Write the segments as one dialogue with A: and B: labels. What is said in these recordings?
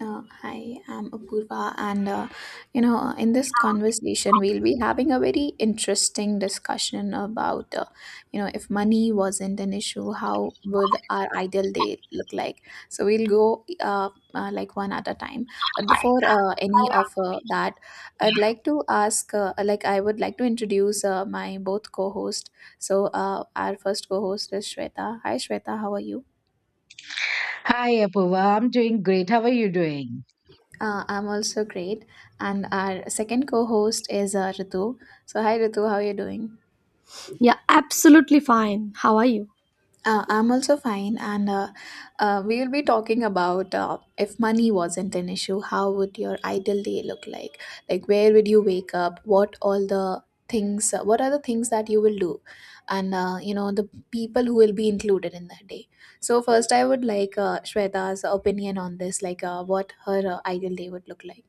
A: Hi, I'm Apurva, and in this conversation, we'll be having a very interesting discussion about if money wasn't an issue, how would our ideal day look like? So we'll go like one at a time. But before any of that, I'd like to ask, I would like to introduce my both co-host. So our first co-host is Shweta. Hi, Shweta, how are you?
B: Hi, Apoorva. I'm doing great. How are you doing?
A: I'm also great. And our second co host is Ritu. So, hi Ritu, how are you doing?
C: Yeah, absolutely fine. How are you?
A: I'm also fine. And we will be talking about if money wasn't an issue, how would your ideal day look like? Like, where would you wake up? What all the things, what are the things that you will do? And, the people who will be included in that day. So, first, I would like Shweta's opinion on this, what her ideal day would look like.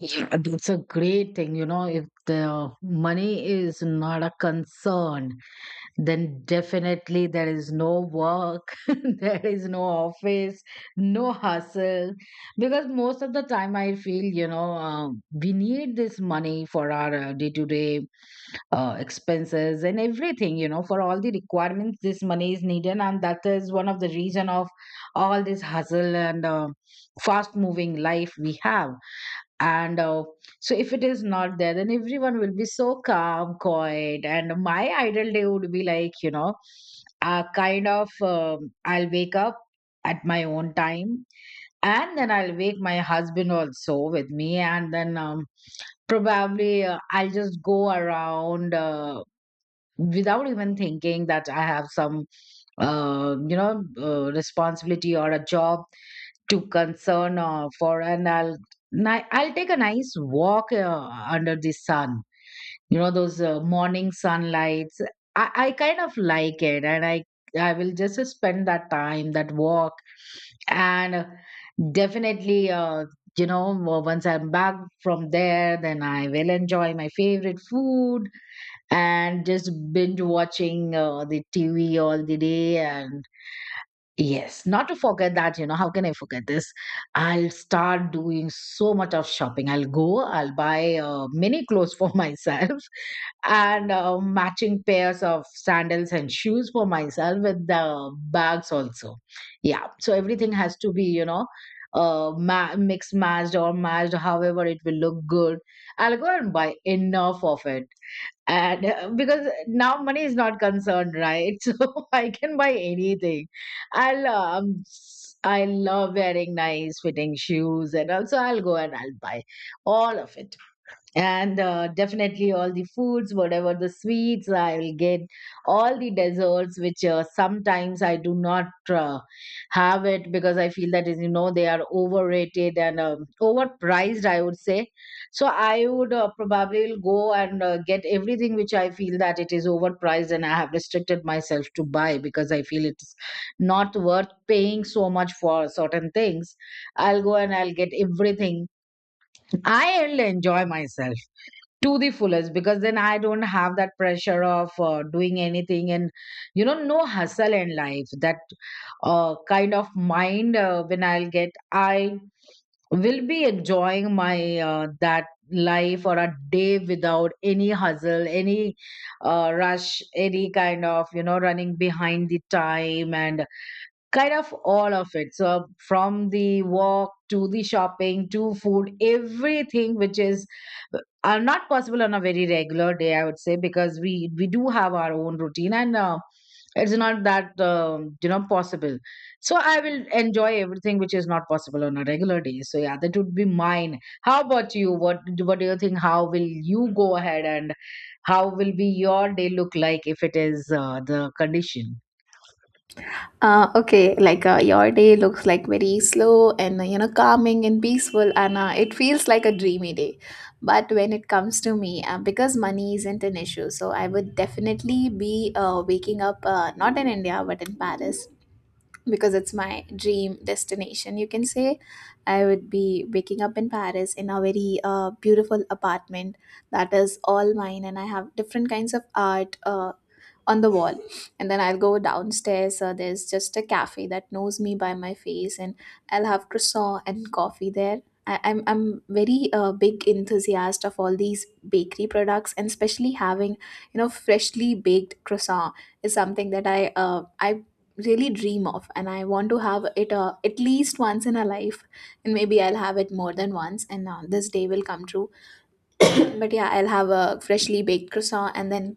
B: Yeah, that's a great thing. You know, if the money is not a concern, then definitely there is no work, there is no office, no hustle. Because most of the time, I feel, we need this money for our day to day expenses, and everything, you know, for all the requirements this money is needed, and that is one of the reason of all this hustle and, fast moving life we have. And So if it is not there, then everyone will be so calm quiet, and my ideal day would be like, you know, I'll wake up at my own time, and then I'll wake my husband also with me. And then probably I'll just go around, without even thinking that I have some, responsibility or a job to concern for. And I'll take a nice walk under the sun. You know, those morning sunlights. I kind of like it, and I will just spend that time, that walk. And definitely you know once I'm back from there, then I will enjoy my favorite food and just binge watching the TV all the day. And yes, not to forget that, you know, how can I forget this? I'll start doing so much of shopping. I'll go, I'll buy many clothes for myself, and matching pairs of sandals and shoes for myself with the bags also. Yeah, so everything has to be, you know, mixed, matched, or matched, however it will look good. I'll go and buy enough of it. And because now money is not concerned, right? So I can buy anything. I will, I love wearing nice fitting shoes, and also I'll go and I'll buy all of it. And definitely all the foods, whatever the sweets, I will get all the desserts, which sometimes I do not have it, because I feel that, as you know, they are overrated and overpriced, I would say. So I would probably will go and get everything which I feel that it is overpriced, and I have restricted myself to buy because I feel it's not worth paying so much for certain things. I'll go and I'll get everything. I'll enjoy myself to the fullest, because then I don't have that pressure of doing anything. And you know, no hustle in life. That kind of mind when I'll get, I will be enjoying my that life or a day without any hustle, any rush, any kind of, you know, running behind the time, and kind of all of it. So from the walk to the shopping to food, everything which is are not possible on a very regular day, I would say, because we do have our own routine. And it's not that, you know, possible. So I will enjoy everything which is not possible on a regular day. So yeah, that would be mine. How about you? What do you think? How will you go ahead, and how will be your day look like, if it is the condition?
A: Okay, your day looks like very slow and calming and peaceful, and it feels like a dreamy day. But when it comes to me, because money isn't an issue, so I would definitely be waking up not in India but in Paris because it's my dream destination, you can say. I would be waking up in Paris in a very beautiful apartment that is all mine, and I have different kinds of art on the wall. And then I'll go downstairs. There's just a cafe that knows me by my face, and I'll have croissant and coffee there. I'm very big enthusiast of all these bakery products, and especially having freshly baked croissant is something that I really dream of, and I want to have it at least once in a life. And maybe I'll have it more than once, and this day will come true. But yeah, I'll have a freshly baked croissant. And then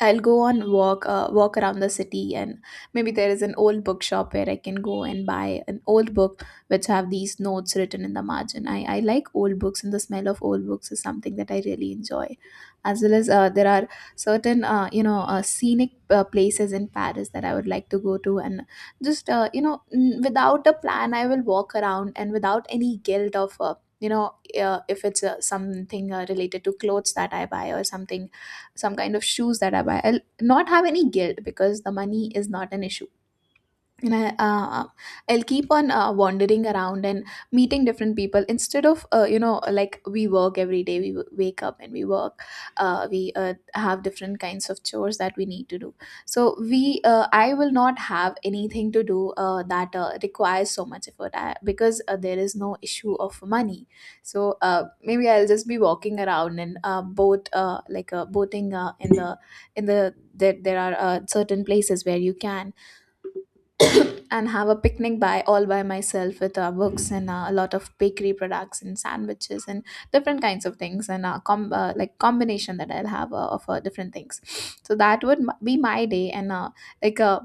A: I'll go on walk, walk around the city. And maybe there is an old bookshop where I can go and buy an old book which have these notes written in the margin. I like old books, and the smell of old books is something that I really enjoy. As well as, there are certain scenic places in Paris that I would like to go to. And just without a plan, I will walk around, and without any guilt of you know if it's something related to clothes that I buy, or something, some kind of shoes that I buy. I'll not have any guilt because the money is not an issue. And I, I'll keep on wandering around and meeting different people, instead of like we work every day. We wake up and we work. We have different kinds of chores that we need to do. So we I will not have anything to do that requires so much effort. Because there is no issue of money. So maybe I'll just be walking around, and boating in the there are certain places where you can, and have a picnic by all by myself with books and a lot of bakery products and sandwiches and different kinds of things, and combination that I'll have of different things. So that would be my day. And like uh,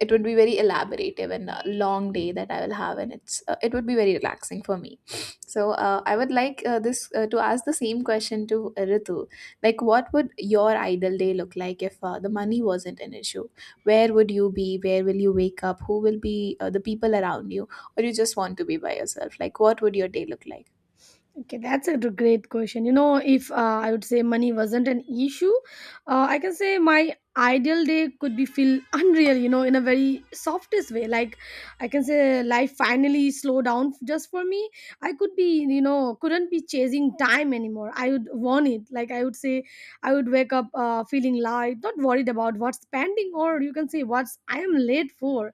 A: it would be very elaborative and a long day that I will have. And it would be very relaxing for me. So I would like this to ask the same question to Ritu. Like, what would your ideal day look like if the money wasn't an issue? Where would you be? Where will you wake up? Who will be the people around you, or you just want to be by yourself? Like, what would your day look like?
C: Okay, that's a great question. You know, if I would say money wasn't an issue, I can say my ideal day could be feel unreal, you know, in a very softest way. Like, I can say life finally slow down just for me. I could be, you know, couldn't be chasing time anymore. I would want it. Like, I would say, I would wake up feeling light, not worried about what's pending or you can say what's I am late for.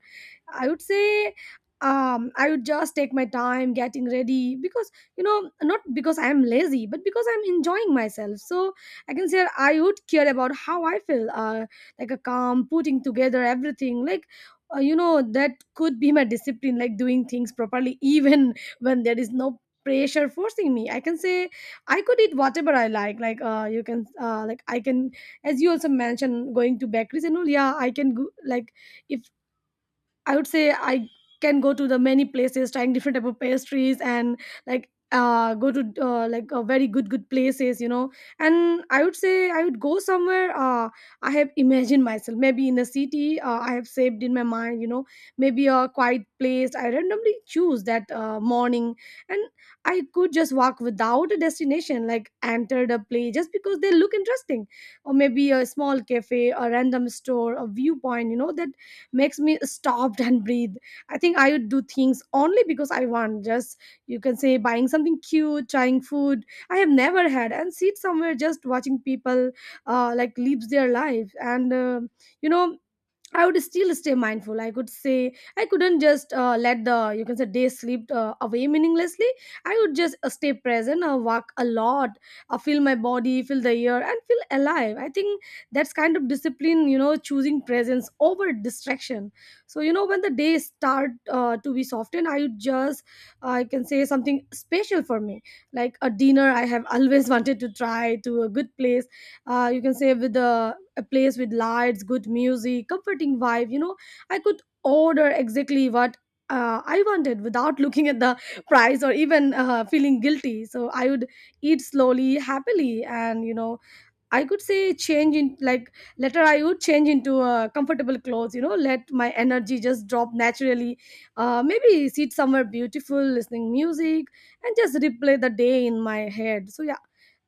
C: I would say I would just take my time getting ready because you know not because I am lazy, but because I'm enjoying myself. So I can say I would care about how I feel, like a calm putting together everything, like. You know that could be my discipline like doing things properly even when there is no pressure forcing me. I can say I could eat whatever I like you can like I can, as you also mentioned, going to bakeries and all. Yeah, I can go, like, if I would say I can go to the many places, trying different type of pastries, and go to like very good places, you know. And I would say I would go somewhere. I have imagined myself maybe in a city. I have saved in my mind, you know, maybe a quiet place. I randomly choose that morning, and I could just walk without a destination, like enter the place just because they look interesting, or maybe a small cafe, a random store, a viewpoint, you know, that makes me stopped and breathe. I think I would do things only because I want. Just, you can say, buying something cute, trying food I have never had, and sit somewhere just watching people like lives their life. And you know, I would still stay mindful. I could say I couldn't just let the, you can say, day slip away meaninglessly. I would just stay present, walk a lot, feel my body, feel the air, and feel alive. I think that's kind of discipline, you know, choosing presence over distraction. So you know when the days start to be softened, I would just I can say something special for me, like a dinner I have always wanted to try to a good place, you can say, with a place with lights, good music, comforting vibe, you know. I could order exactly what I wanted without looking at the price or even feeling guilty. So I would eat slowly, happily, and you know, I could say change in, like, later I would change into comfortable clothes, you know, let my energy just drop naturally. Maybe sit somewhere beautiful, listening music, and just replay the day in my head. So yeah,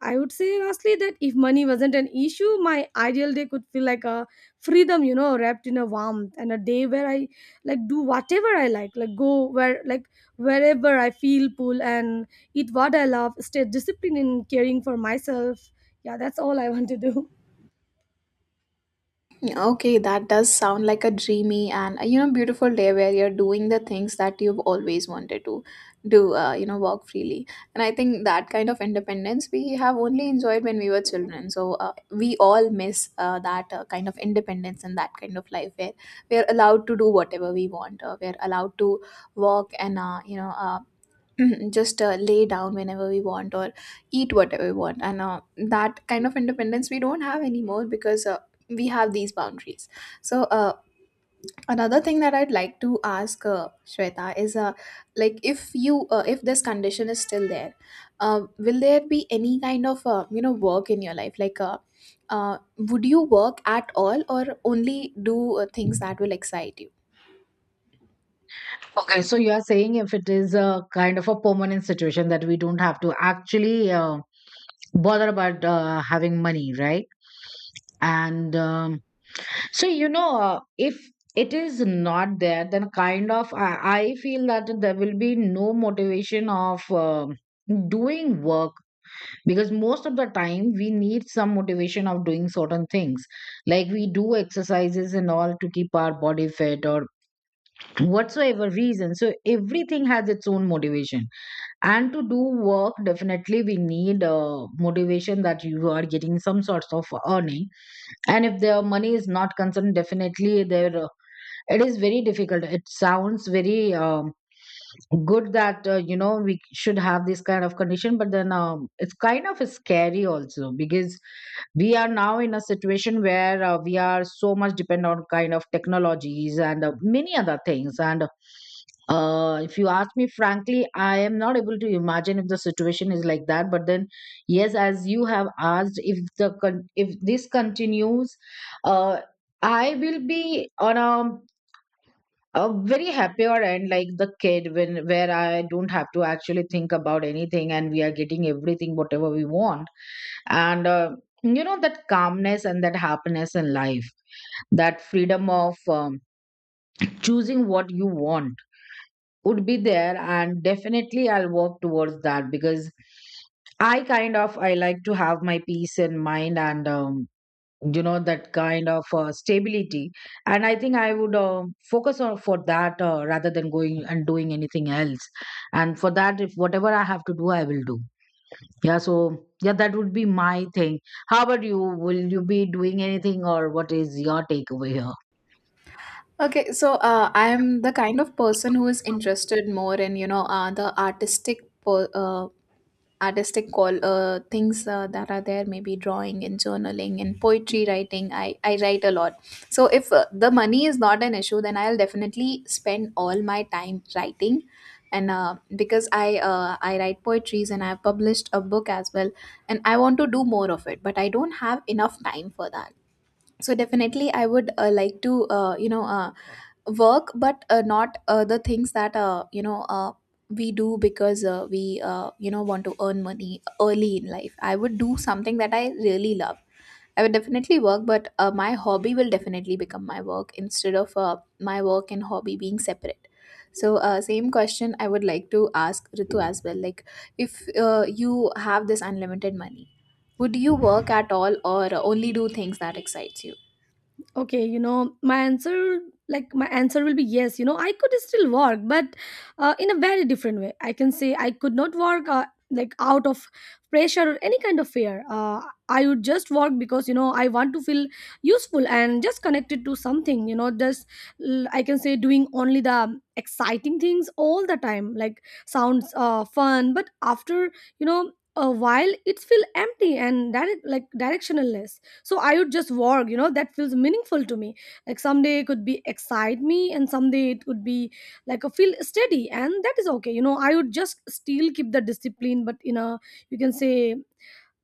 C: I would say lastly that if money wasn't an issue, my ideal day could feel like a freedom, you know, wrapped in a warmth, and a day where I like do whatever I like go where, like, wherever I feel pull and eat what I love, stay disciplined in caring for myself. Yeah, that's all I want to do.
A: Yeah, okay, that does sound like a dreamy and beautiful day where you're doing the things that you've always wanted to do, walk freely. And I think that kind of independence we have only enjoyed when we were children. So we all miss that kind of independence, and that kind of life where we are allowed to do whatever we want. We are allowed to walk, and just lay down whenever we want, or eat whatever we want. And that kind of independence we don't have anymore, because we have these boundaries. So another thing that I'd like to ask Shweta is, like, if you if this condition is still there, will there be any kind of work in your life? Uh, would you work at all, or only do things that will excite you?
B: Okay, so you are saying if it is a kind of a permanent situation that we don't have to actually bother about having money, right? And if it is not there, then kind of I feel that there will be no motivation of doing work, because most of the time we need some motivation of doing certain things. Like we do exercises and all to keep our body fit or whatsoever reason. So everything has its own motivation. And to do work, definitely we need a motivation that you are getting some sorts of earning. And if the money is not concerned, definitely there, it is very difficult. It sounds very good that, you know, we should have this kind of condition. But then it's kind of scary also, because we are now in a situation where we are so much dependent on kind of technologies and many other things. And if you ask me frankly, I am not able to imagine if the situation is like that. But then yes, as you have asked, if if this continues, uh, I will be on a very happier, and like the kid when where I don't have to actually think about anything, and we are getting everything whatever we want. And you know, that calmness and that happiness in life, that freedom of choosing what you want would be there. And definitely I'll work towards that, because I kind of I like to have my peace in mind. And you know, that kind of stability. And I think I would focus on for that, rather than going and doing anything else. And for that, if whatever I have to do, I will do. Yeah, so yeah, that would be my thing. How about you? Will you be doing anything, or what is your takeaway here?
A: Okay, so I'm the kind of person who is interested more in the artistic call things that are there, maybe drawing and journaling and poetry writing. I write a lot. So if the money is not an issue, then I'll definitely spend all my time writing. And because I write poetries, and I've published a book as well, and I want to do more of it, but I don't have enough time for that. So definitely I would like to uh, you know uh, work, but not the things that we do because we want to earn money early in life. I would do something that I really love. I would definitely work, but my hobby will definitely become my work, instead of my work and hobby being separate. So same question I would like to ask Ritu as well. Like, if you have this unlimited money, would you work at all, or only do things that excites you?
C: Okay, you know my answer, like my answer will be yes. You know, I could still work, but in a very different way. I can say I could not work like out of pressure or any kind of fear. I would just work because, you know, I want to feel useful and just connected to something. You know, just I can say doing only the exciting things all the time, like, sounds fun, but after you know a while it's feel empty and direct, like directionless. So I would just work, you know, that feels meaningful to me. Like someday it could be excite me, and someday it could be like a feel steady, and that is okay. You know, I would just still keep the discipline, but in a, you can say,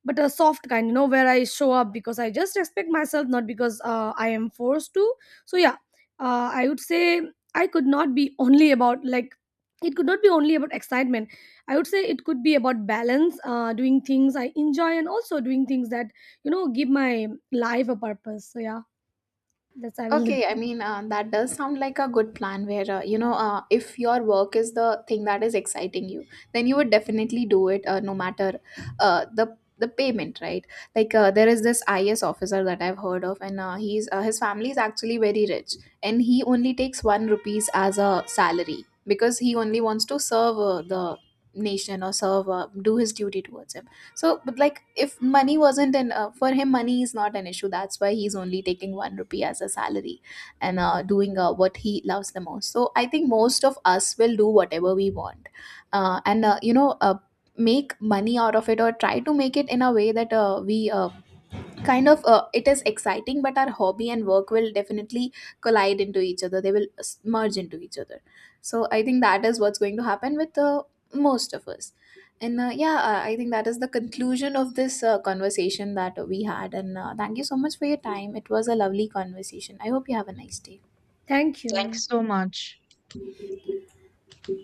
C: but a soft kind, you know, where I show up because I just respect myself, not because I am forced to. So yeah, I would say I could not be only about, like, it could not be only about excitement. I would say it could be about balance, doing things I enjoy and also doing things that, you know, give my life a purpose. So yeah, that's I will do.
A: Okay, I mean, that does sound like a good plan where, if your work is the thing that is exciting you, then you would definitely do it no matter the payment, right? Like there is this IS officer that I've heard of. And he's his family is actually very rich, and he only takes one rupees as a salary, because he only wants to serve the nation, or serve do his duty towards him. So but like, if money wasn't an for him, money is not an issue. That's why he's only taking 1 rupee as a salary, and doing what he loves the most. So I think most of us will do whatever we want, and make money out of it, or try to make it in a way that we kind of, it is exciting. But our hobby and work will definitely collide into each other. They will merge into each other. So I think that is what's going to happen with most of us. And yeah, I think that is the conclusion of this conversation that we had. And thank you so much for your time. It was a lovely conversation. I hope you have a nice day.
C: Thank you.
B: Thanks so much.